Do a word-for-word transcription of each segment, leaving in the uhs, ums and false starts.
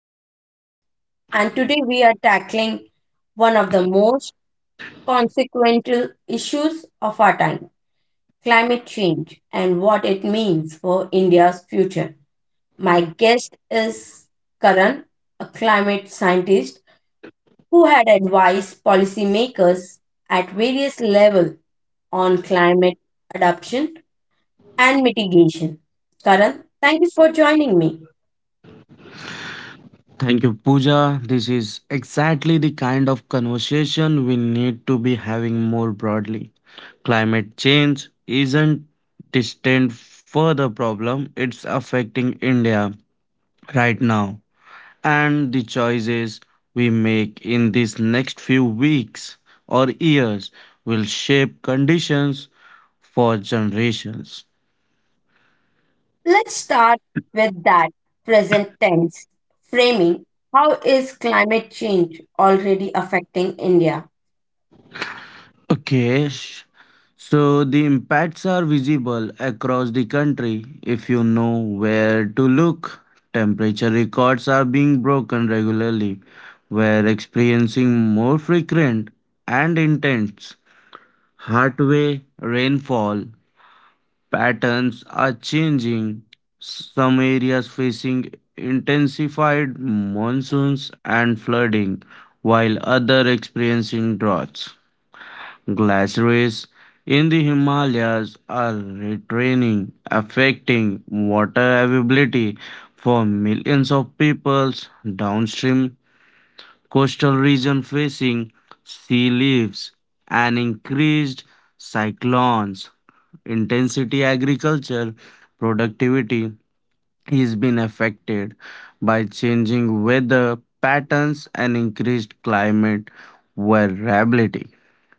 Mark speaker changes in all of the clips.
Speaker 1: journalist, and today we are tackling one of the most consequential issues of our time, climate change and what it means for India's future. My guest is Karan, a climate scientist who had advised policymakers at various levels on climate adoption and mitigation. Karan, thank you for joining me.
Speaker 2: Thank you, Pooja. This is exactly the kind of conversation we need to be having more broadly. Climate change isn't distant further problem, it's affecting India right now. And the choices we make in these next few weeks or years will shape conditions for generations.
Speaker 1: Let's start with that present tense framing. How is climate change already affecting India?
Speaker 2: Okay. sh- So the impacts are visible across the country if you know where to look. Temperature records are being broken regularly. We're experiencing more frequent and intense heatwave rainfall patterns are changing. Some areas facing intensified monsoons and flooding, while other experiencing droughts. Glaciers in the Himalayas are retraining, affecting water availability for millions of peoples downstream coastal region facing sea leaves and increased cyclones. Intensity agriculture productivity is being affected by changing weather patterns and increased climate variability.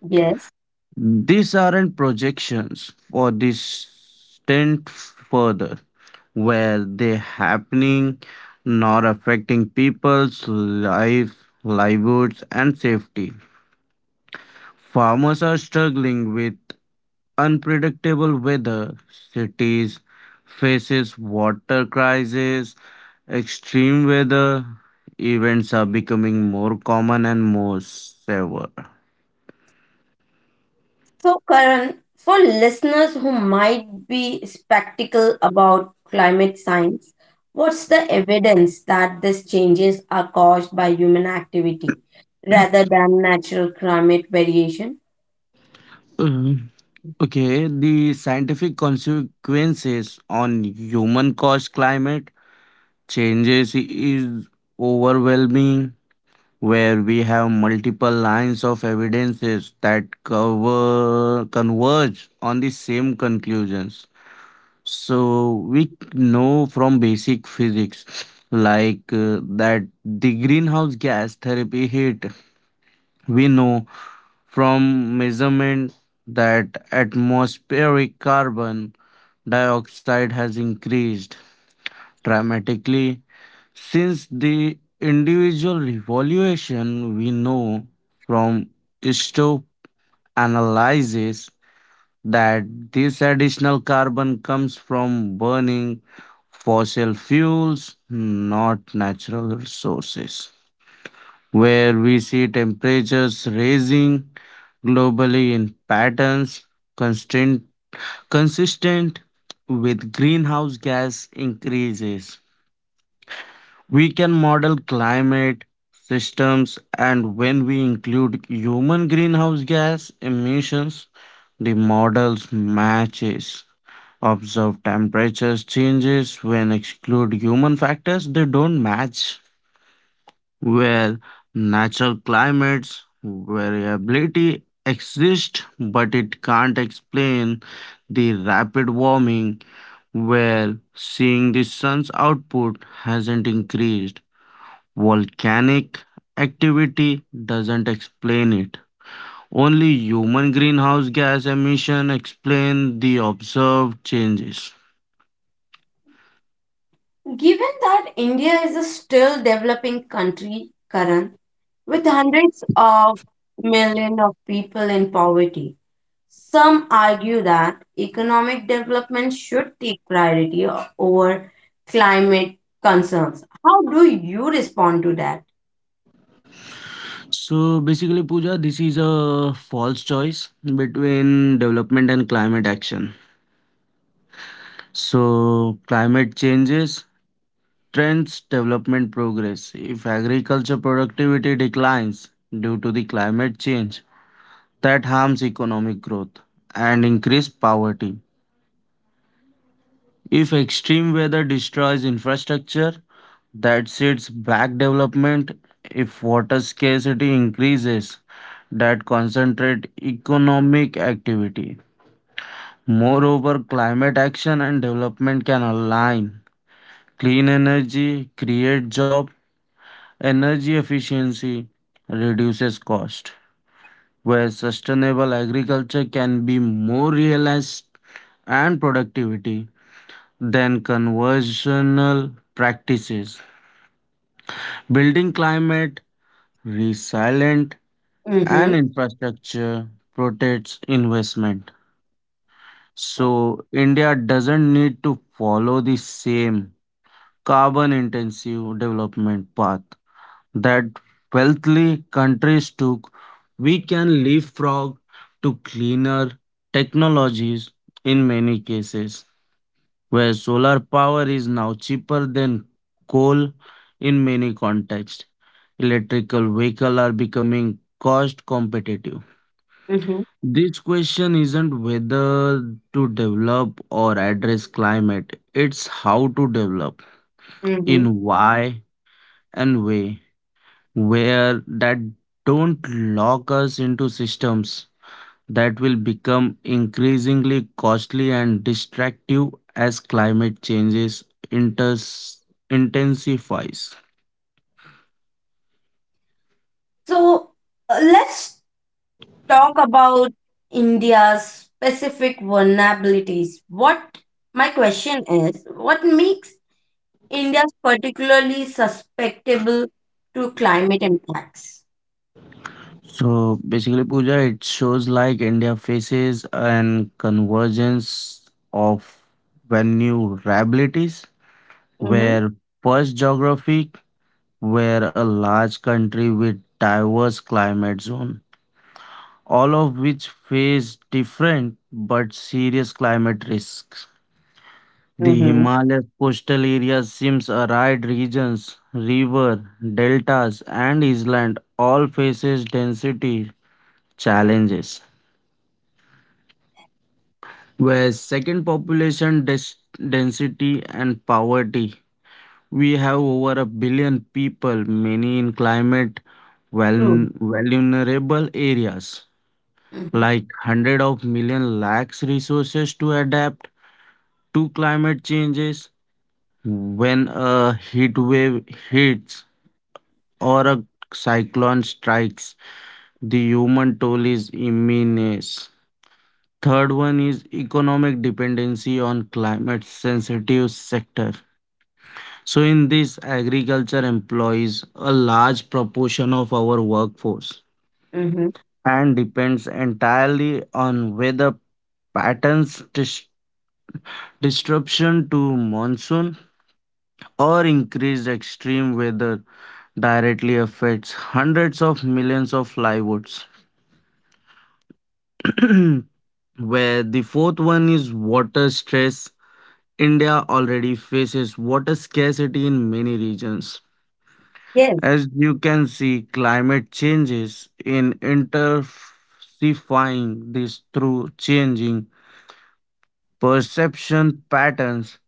Speaker 1: Yes.
Speaker 2: These aren't projections for distant further, where they're happening, not affecting people's lives, livelihoods, and safety. Farmers are struggling with unpredictable weather. Cities faces water crisis, extreme weather. Events are becoming more common and more severe.
Speaker 1: So, Karan, for listeners who might be skeptical about climate science, what's the evidence that these changes are caused by human activity rather than natural climate variation?
Speaker 2: Okay, the scientific consequences on human caused climate changes is overwhelming, where we have multiple lines of evidences that cover converge on the same conclusions. So we know from basic physics like uh, that the greenhouse gas therapy heat we know from measurement that atmospheric carbon dioxide has increased dramatically since the individual evaluation we know from stope analysis that this additional carbon comes from burning fossil fuels not natural resources where we see temperatures raising globally in patterns constant consistent with greenhouse gas increases. We can model climate systems, and when we include human greenhouse gas emissions, the models matches. Observe temperatures changes when exclude human factors, they don't match. Where natural climates variability exists, but it can't explain the rapid warming where seeing the sun's output hasn't increased. Volcanic activity doesn't explain it. Only human greenhouse gas emission explain the observed changes.
Speaker 1: Given that India is a still developing country, Karan, with hundreds of millions of people in poverty, some argue that economic development should take priority o- over climate concerns. How do you respond to that?
Speaker 2: So basically, Pooja, this is a false choice between development and climate action. So climate changes, trends, development progress. If agriculture productivity declines due to the climate change, that harms economic growth and increase poverty. If extreme weather destroys infrastructure, that sets back development. If water scarcity increases, that concentrate economic activity. Moreover, climate action and development can align. Clean energy create job, energy efficiency reduces cost, where sustainable agriculture can be more realized and productivity than conventional practices. Building climate resilient and
Speaker 1: Mm-hmm,
Speaker 2: infrastructure protects investment. So, India doesn't need to follow the same carbon intensive development path that wealthy countries took. We can leapfrog to cleaner technologies in many cases, where solar power is now cheaper than coal in many contexts. Electrical vehicle are becoming cost competitive.
Speaker 1: mm-hmm,
Speaker 2: This question isn't whether to develop or address climate, it's how to develop,
Speaker 1: mm-hmm.
Speaker 2: in why and way, where that don't lock us into systems that will become increasingly costly and destructive as climate changes inters- intensifies.
Speaker 1: So uh, let's talk about India's specific vulnerabilities. What my question is, what makes India particularly susceptible to climate impacts?
Speaker 2: So basically, Pooja, it shows like India faces an convergence of vulnerabilities,
Speaker 1: Mm-hmm.
Speaker 2: where first geography, where a large country with diverse climate zone, all of which face different but serious climate risks. The
Speaker 1: Mm-hmm.
Speaker 2: Himalayas coastal areas seems arid regions, river, deltas and island all faces density challenges where second population des- density and poverty. We have over a billion people, many in climate vul-
Speaker 1: True.
Speaker 2: vulnerable areas,
Speaker 1: Mm-hmm.
Speaker 2: like hundred of million lacks resources to adapt to climate changes when a heat wave hits or a cyclone strikes. The human toll is immense. Third one is economic dependency on climate sensitive sector. So, in this, agriculture employs a large proportion of our workforce
Speaker 1: Mm-hmm.
Speaker 2: and depends entirely on weather patterns, dis- disruption to monsoon, or increased extreme weather directly affects hundreds of millions of livelihoods. Where the fourth one is water stress. India already faces water scarcity in many regions.
Speaker 1: Yes.
Speaker 2: As you can see, climate changes in intensifying this through changing perception patterns,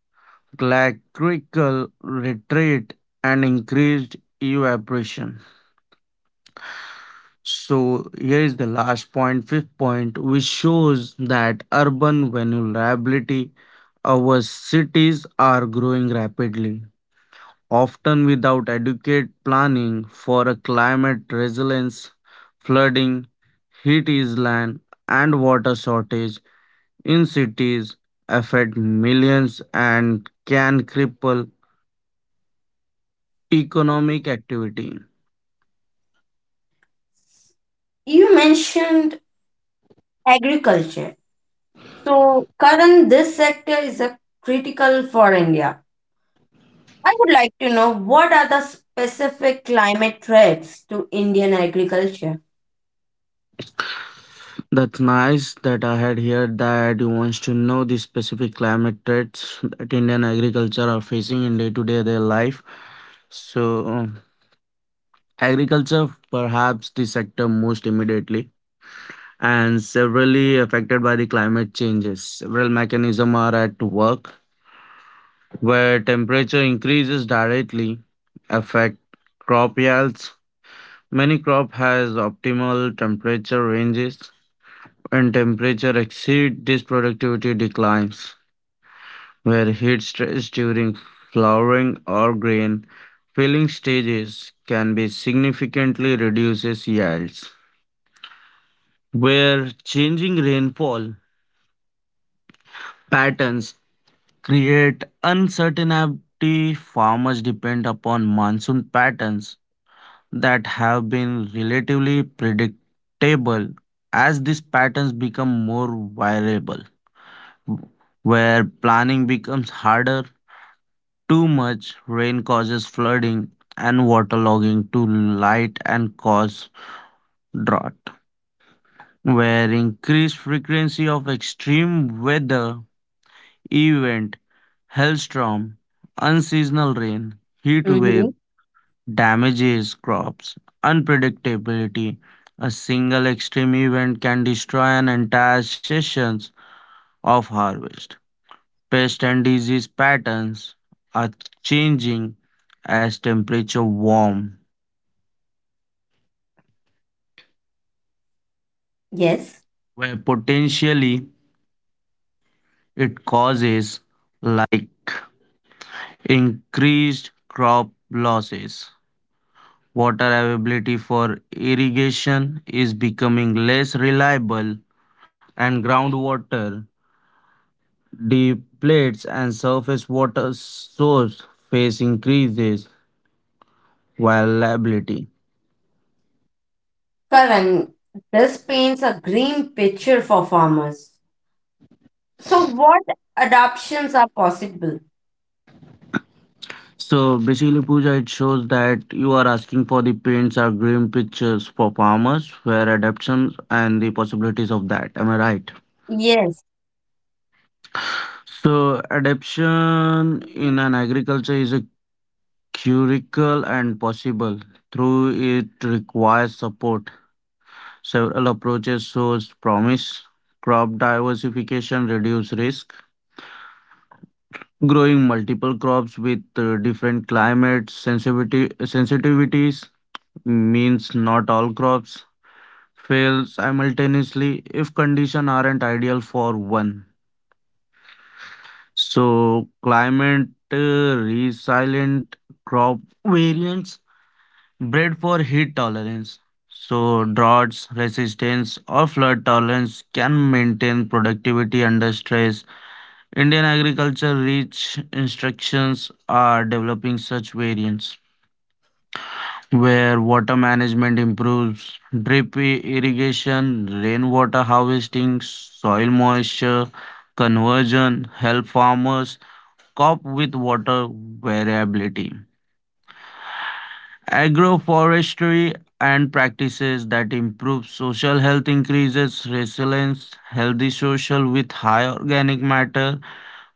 Speaker 2: glacial retreat, and increased evaporation. So here is the last point, fifth point, which shows that urban vulnerability. Our cities are growing rapidly often without adequate planning for a climate resilience, flooding, heat island, and water shortage in cities affect millions and can cripple economic activity.
Speaker 1: You mentioned agriculture. So, Karan, this sector is a critical for India. I would like to know what are the specific climate threats to Indian agriculture?
Speaker 2: That's nice that I had heard that you wants to know the specific climate threats that Indian agriculture are facing in day-to-day their life. So uh, agriculture perhaps the sector most immediately and severely affected by the climate changes. Several mechanisms are at work where temperature increases directly affect crop yields. Many crop has optimal temperature ranges. When temperature exceed this productivity declines, where heat stress during flowering or grain filling stages can be significantly reduces yields. Where changing rainfall patterns create uncertainty. Farmers depend upon monsoon patterns that have been relatively predictable as these patterns become more variable, where planning becomes harder. Too much rain causes flooding and waterlogging. Too light and cause drought, where increased frequency of extreme weather event, hailstorm, unseasonal rain, heat
Speaker 1: Mm-hmm.
Speaker 2: waves damages crops, unpredictability. A single extreme event can destroy an entire seasons of harvest. Pest and disease patterns are changing as temperature
Speaker 1: Yes.
Speaker 2: crop losses. Water availability for irrigation is becoming less reliable, and groundwater, depletes, and surface water source face increases availability.
Speaker 1: Karan, this paints a green picture for farmers. So, what adoptions are possible?
Speaker 2: So basically, Pooja, it shows that you are asking for the paints or green pictures for farmers, where adaptations and the possibilities of that. Am I right?
Speaker 1: Yes.
Speaker 2: So adaptation in an agriculture is a curricle and possible through it requires support several approaches shows promise crop diversification reduce risk growing multiple crops with uh, different climate sensitivity sensitivities means not all crops fail simultaneously if conditions aren't ideal for one so climate uh, resilient crop variants bred for heat tolerance, so droughts resistance or flood tolerance can maintain productivity under stress. Indian agriculture rich instructions are developing such variants where water management improves, drip i- irrigation, rainwater harvesting, soil moisture conversion help farmers cope with water variability. Agroforestry and practices that improve social health increases resilience, healthy soil with high organic matter,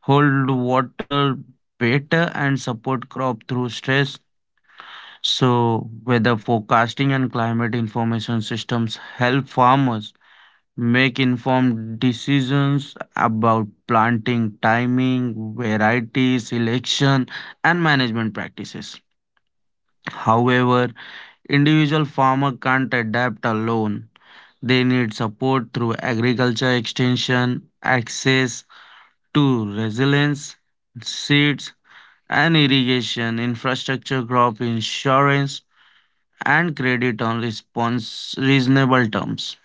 Speaker 2: hold water better and support crop through stress. So weather forecasting and climate information systems help farmers make informed decisions about planting timing, varieties, selection and management practices. However, individual farmer can't adapt alone. They need support through agriculture extension, access to resilience, seeds and irrigation, infrastructure, crop insurance, and credit on response reasonable terms.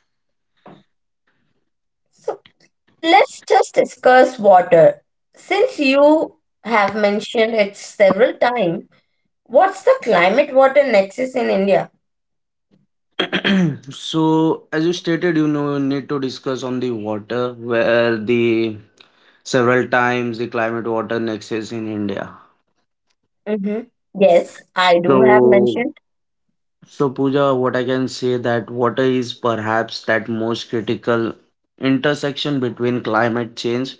Speaker 1: So, let's just discuss water. Since you have mentioned it several times, what's the climate water nexus in India?
Speaker 2: So, as you stated, you know, you need to discuss on the water, where the several times the climate water nexus in India.
Speaker 1: Mm-hmm. Yes, I do have
Speaker 2: So,
Speaker 1: mentioned.
Speaker 2: So, Pooja, what I can say that water is perhaps that most critical intersection between climate change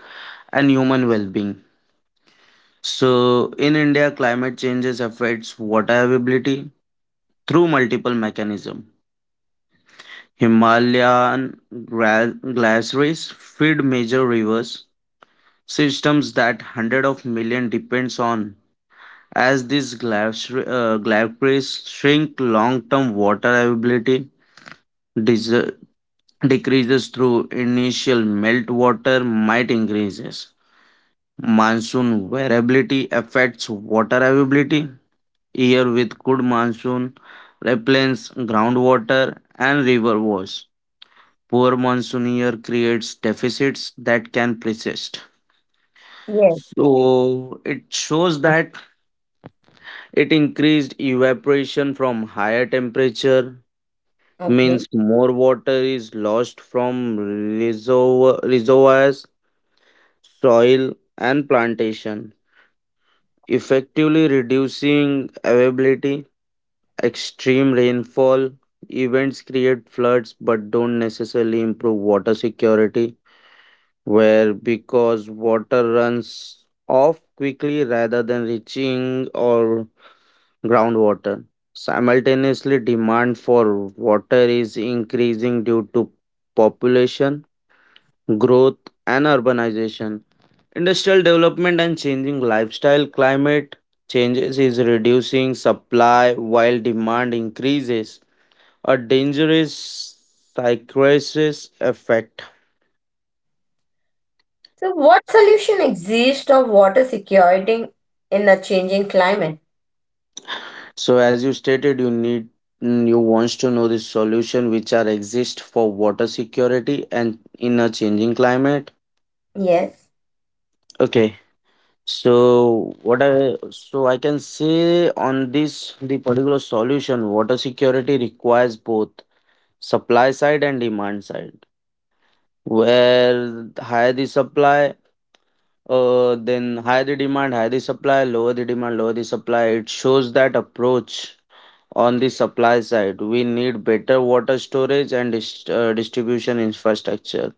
Speaker 2: and human well-being. So, in India, climate changes affects water availability through multiple mechanisms. Himalayan gra- glaciers feed major rivers systems that hundred of million depends on. As these glacier, uh, glaciers shrink, long-term water availability dis. Decreases through initial meltwater might increases. Monsoon variability affects water availability. Year with good monsoon replens groundwater and river wars. Poor monsoon year creates deficits that can persist.
Speaker 1: Yes.
Speaker 2: So it shows that it increased evaporation from higher temperature
Speaker 1: Okay.
Speaker 2: means more water is lost from reservo- reservoirs soil and plantation, effectively reducing availability. Extreme rainfall events create floods but don't necessarily improve water security, where because water runs off quickly rather than reaching or groundwater. Simultaneously, demand for water is increasing due to population growth and urbanization. Industrial development and changing lifestyle climate changes is reducing supply while demand increases, a dangerous psychosis effect.
Speaker 1: So, what solution exists of water security in a changing climate?
Speaker 2: So as you stated, you need mm, you wants to know the solution which are exist for water security and in a changing climate.
Speaker 1: Yes.
Speaker 2: Okay. So what I so I can say on this the particular solution water security requires both supply side and demand side where higher the supply uh, then higher the demand higher the supply lower the demand lower the supply it shows that approach on the supply side we need better water storage and dist- uh, distribution infrastructure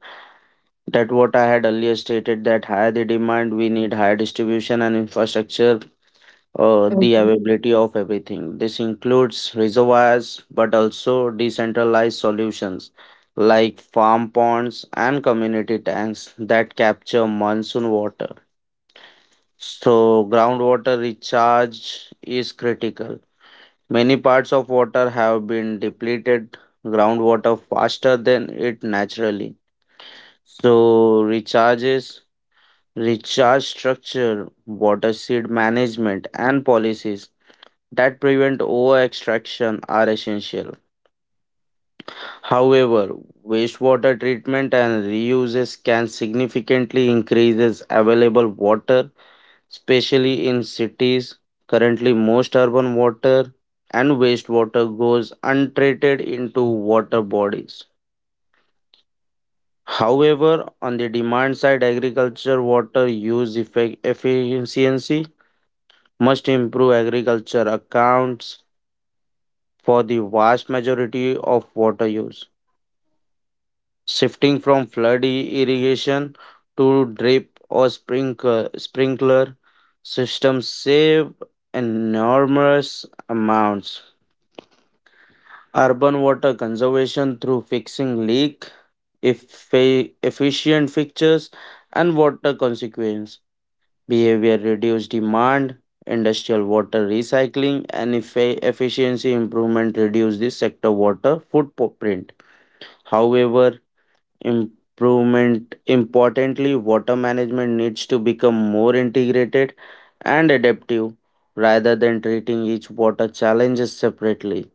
Speaker 2: that what I had earlier stated that higher the demand we need higher distribution and infrastructure uh, the
Speaker 1: Mhm.
Speaker 2: availability of everything. This includes reservoirs but also decentralized solutions like farm ponds and community tanks that capture monsoon water. So, groundwater recharge is critical. Many parts of water have been depleted groundwater faster than it naturally. So, recharges, recharge structure, water seed management, and policies that prevent over extraction are essential. However, wastewater treatment and reuses can significantly increases available water, especially in cities. Currently, most urban water and wastewater goes untreated into water bodies. However, on the demand side, agriculture water use effect efficiency must improve agriculture accounts for the vast majority of water use shifting from flood i- irrigation to drip or sprinkler sprinkler systems save enormous amounts. Urban water conservation through fixing leak, effe- efficient fixtures, and water consequence behavior reduce demand. Industrial water recycling and effe- efficiency improvement reduce the sector water footprint. However, improvement importantly, water management needs to become more integrated and adaptive. Rather than treating each water challenges separately,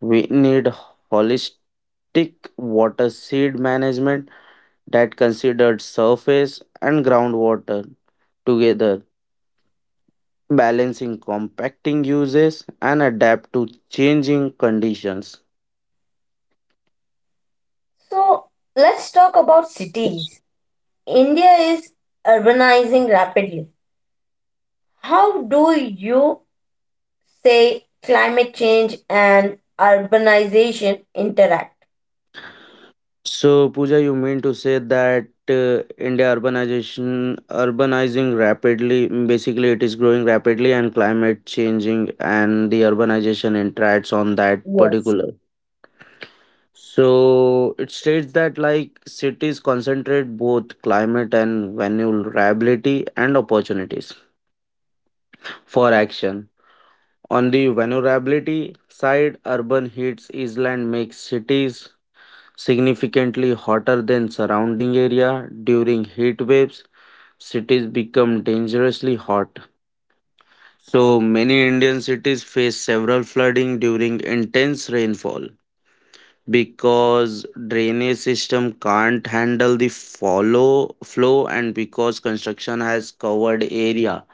Speaker 2: we need holistic water seed management that considered surface and groundwater together, balancing compacting uses and adapt to changing conditions.
Speaker 1: So let's talk about cities. India is urbanizing rapidly. How do you say climate change and urbanization interact?
Speaker 2: So, Pooja, you mean to say that uh, India urbanization urbanizing rapidly, mm, basically it is growing rapidly and climate changing and the urbanization interacts on that
Speaker 1: Yes.
Speaker 2: particular. So it states that like cities concentrate both climate and vulnerability and opportunities for action. On the vulnerability side, urban heats island makes cities significantly hotter than surrounding area during heat waves, cities become dangerously hot, so many indian cities face several flooding during intense rainfall because drainage system can't handle the follow flow, and because construction has covered area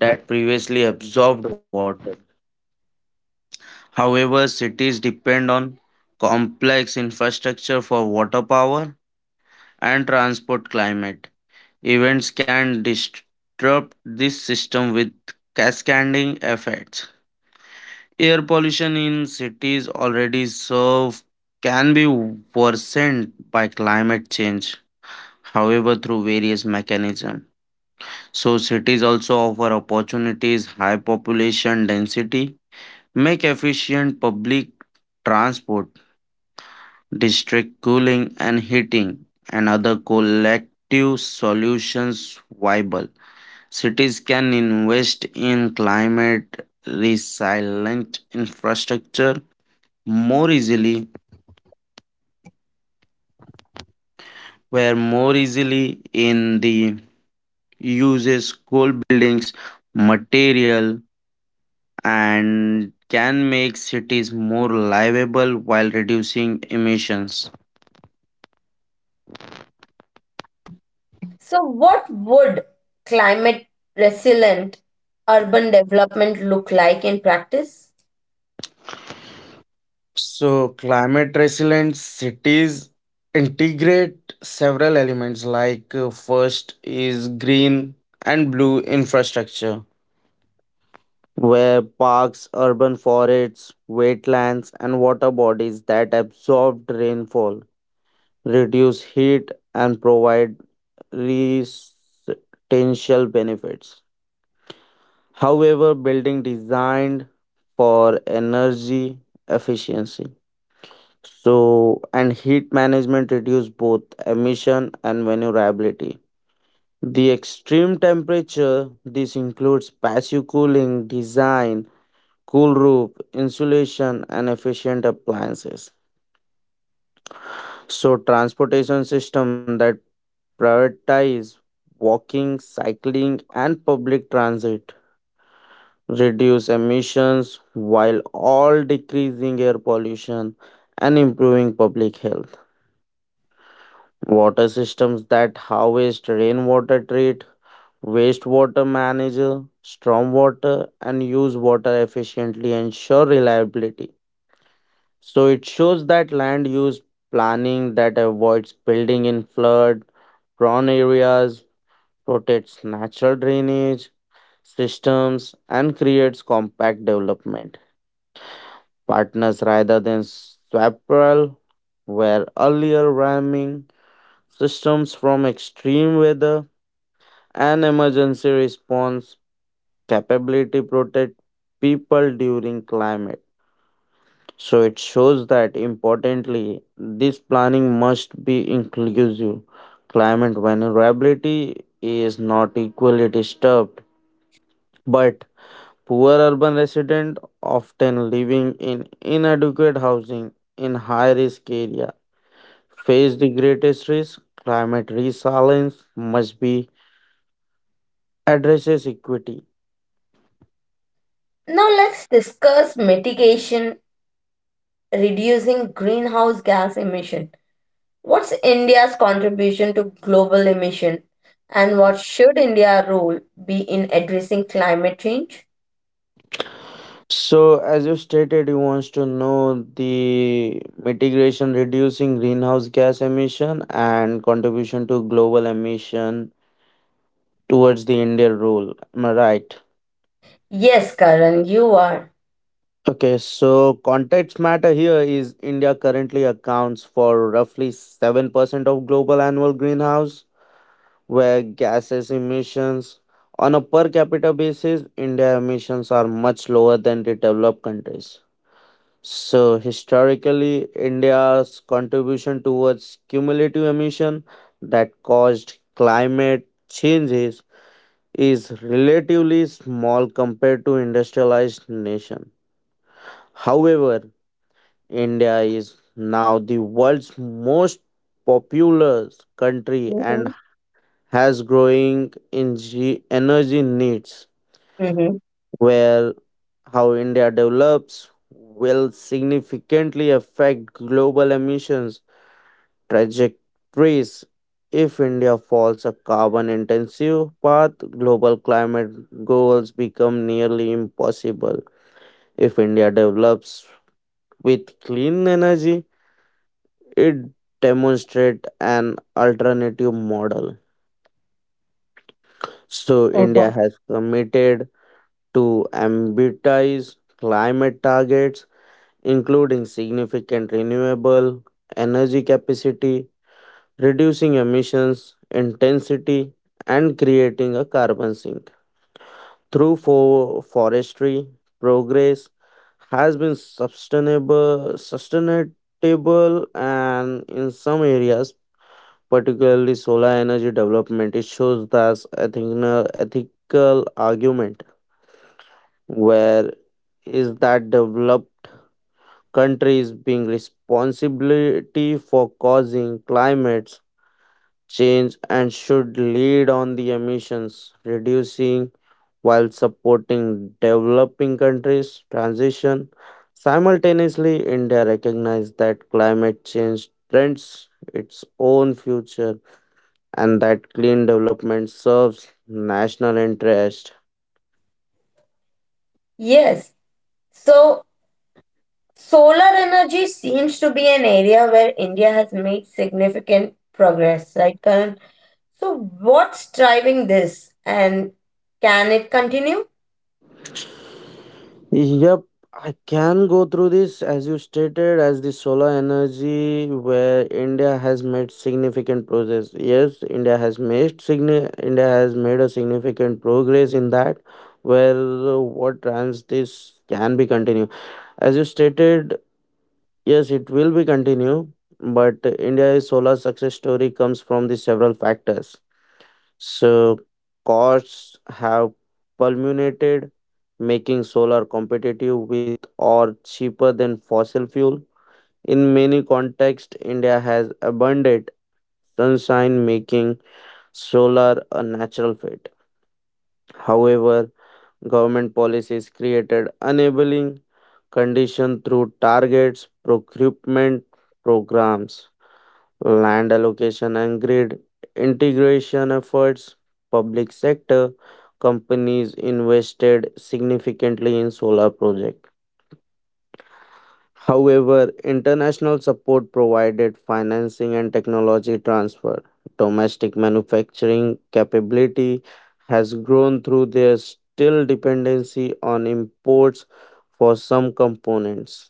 Speaker 2: that previously absorbed water. However, cities depend on complex infrastructure for water, power, and transport. Climate events can disrupt this system with cascading effects. Air pollution in cities already serve can be worsened by climate change, however, through various mechanisms. So, cities also offer opportunities. High population density make efficient public transport, district cooling and heating, and other collective solutions viable. Cities can invest in climate resilient infrastructure and can make cities more livable while reducing emissions.
Speaker 1: So, what would climate resilient urban development look like in practice?
Speaker 2: So, climate resilient cities integrate several elements, like uh, first is green and blue infrastructure, where parks, urban forests, wetlands, and water bodies that absorb rainfall, reduce heat, and provide residential benefits. However, building designed for energy efficiency. So, and heat management reduce both emission and vulnerability. The extreme temperature, this includes passive cooling, design, cool roof, insulation, and efficient appliances. So, transportation system that prioritize walking, cycling, and public transit reduce emissions while all decreasing air pollution and improving public health. Water systems that harvest rainwater, treat wastewater, manage stormwater, and use water efficiently ensure reliability. So it shows that land use planning that avoids building in flood prone areas, protects natural drainage systems, and creates compact development. Partners rather than swapperel, where earlier ramming systems from extreme weather and emergency response capability protect people during climate. So it shows that, importantly, this planning must be inclusive. Climate vulnerability is not equally disturbed, but poor urban residents often living in inadequate housing in high risk area face the greatest risk. Climate resilience must be addresses equity.
Speaker 1: Now, let's discuss mitigation, reducing greenhouse gas emission. What's India's contribution to global emission, and what should India's role be in addressing climate change?
Speaker 2: So, as you stated, you wants to know the mitigation, reducing greenhouse gas emission and contribution to global emission towards the India role. Am I right?
Speaker 1: Yes, Karan, you are.
Speaker 2: Okay, so context matter here is India currently accounts for roughly seven percent of global annual greenhouse where gases emissions. On a per capita basis, india emissions are much lower than the developed countries. So historically, india's contribution towards cumulative emission that caused climate changes is relatively small compared to industrialized nation. However, india is now the world's most populous country and
Speaker 1: Mhm.
Speaker 2: has growing energy energy needs,
Speaker 1: Mhm.
Speaker 2: where how India develops will significantly affect global emissions trajectories. If India falls a carbon intensive path, global climate goals become nearly impossible. If India develops with clean energy, it demonstrates an alternative model. So India
Speaker 1: Okay.
Speaker 2: has committed to ambitious climate targets, including significant renewable energy capacity, reducing emissions intensity, and creating a carbon sink. Through fo- forestry, progress has been sustainable, sustainable, and in some areas, particularly solar energy development, it shows thus ethical, ethical argument, where is that develop countries being responsibility for causing climate change and should lead on the emissions reducing, while supporting developing countries transition. Simultaneously, india recognized that climate change threatens its own future and that clean development serves national interest.
Speaker 1: Yes. So solar energy seems to be an area where India has made significant progress, right, Karan? So what's driving this and can it continue?
Speaker 2: Yep, I can go through this. As you stated, as the solar energy where India has made significant progress. Yes, India has made signi- India has made a significant progress in that, where uh, what trans this can be continued. As you stated, yes, it will be continued, but India's solar success story comes from the several factors. So costs have culminated, making solar competitive with or cheaper than fossil fuel. In many contexts, India has abundant sunshine, making solar a natural fit. However, government policies created enabling conditions through targets, procurement programs, land allocation and grid integration efforts. Public sector companies invested significantly in solar projects. However, international support provided financing and technology transfer. Domestic manufacturing capability has grown through their still dependency on imports for some components.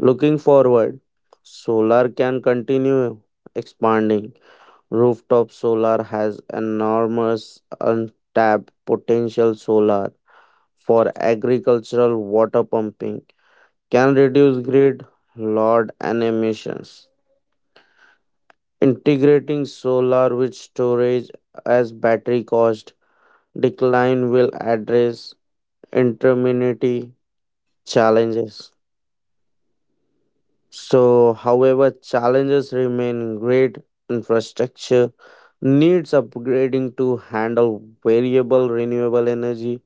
Speaker 2: Looking forward, solar can continue expanding. Rooftop solar has enormous untapped potential. Solar for agricultural water pumping can reduce grid load and emissions. Integrating solar with storage as battery cost decline will address intermittency challenges. So, however, challenges remain. Grid infrastructure needs upgrading to handle variable renewable energy,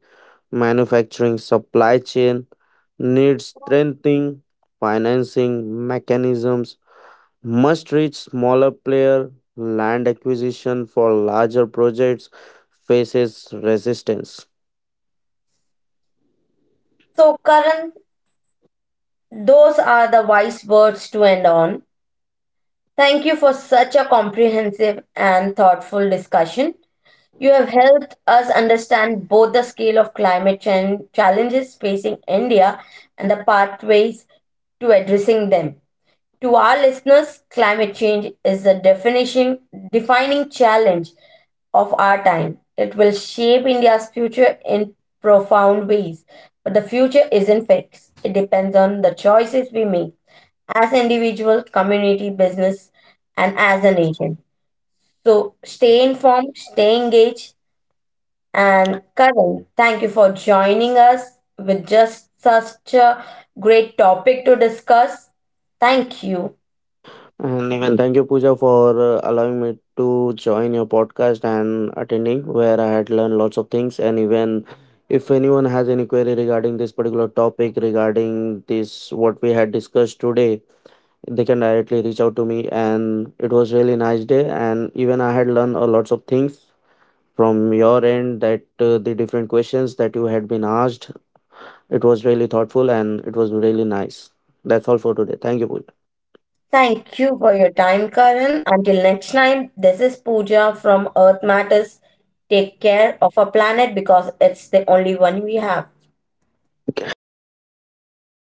Speaker 2: manufacturing supply chain needs strengthening, financing mechanisms must reach smaller player, land acquisition for larger projects faces resistance.
Speaker 1: So, Karan, those are the wise words to end on. Thank you for such a comprehensive and thoughtful discussion. You have helped us understand both the scale of climate change challenges facing India and the pathways to addressing them. To our listeners, climate change is the definition, defining challenge of our time. It will shape India's future in profound ways. But the future isn't fixed. It depends on the choices we make as individual, community, business, and as a nation. So stay informed, stay engaged, and Karan, thank you for joining us with just such a great topic to discuss. Thank you.
Speaker 2: And even thank you, Pooja, for uh, allowing me to join your podcast and attending, where I had learned lots of things. And even if anyone has any query regarding this particular topic, regarding this, what we had discussed today, they can directly reach out to me. And it was really nice day, and even I had learned a lots of things from your end, that uh, the different questions that you had been asked, it was really thoughtful and it was really nice. That's all for today. Thank you, Pooja.
Speaker 1: Thank you for your time, Karan. Until next time, this is Pooja from Earth Matters. Take care of our planet because it's the only one we have.
Speaker 2: Okay, have a great day.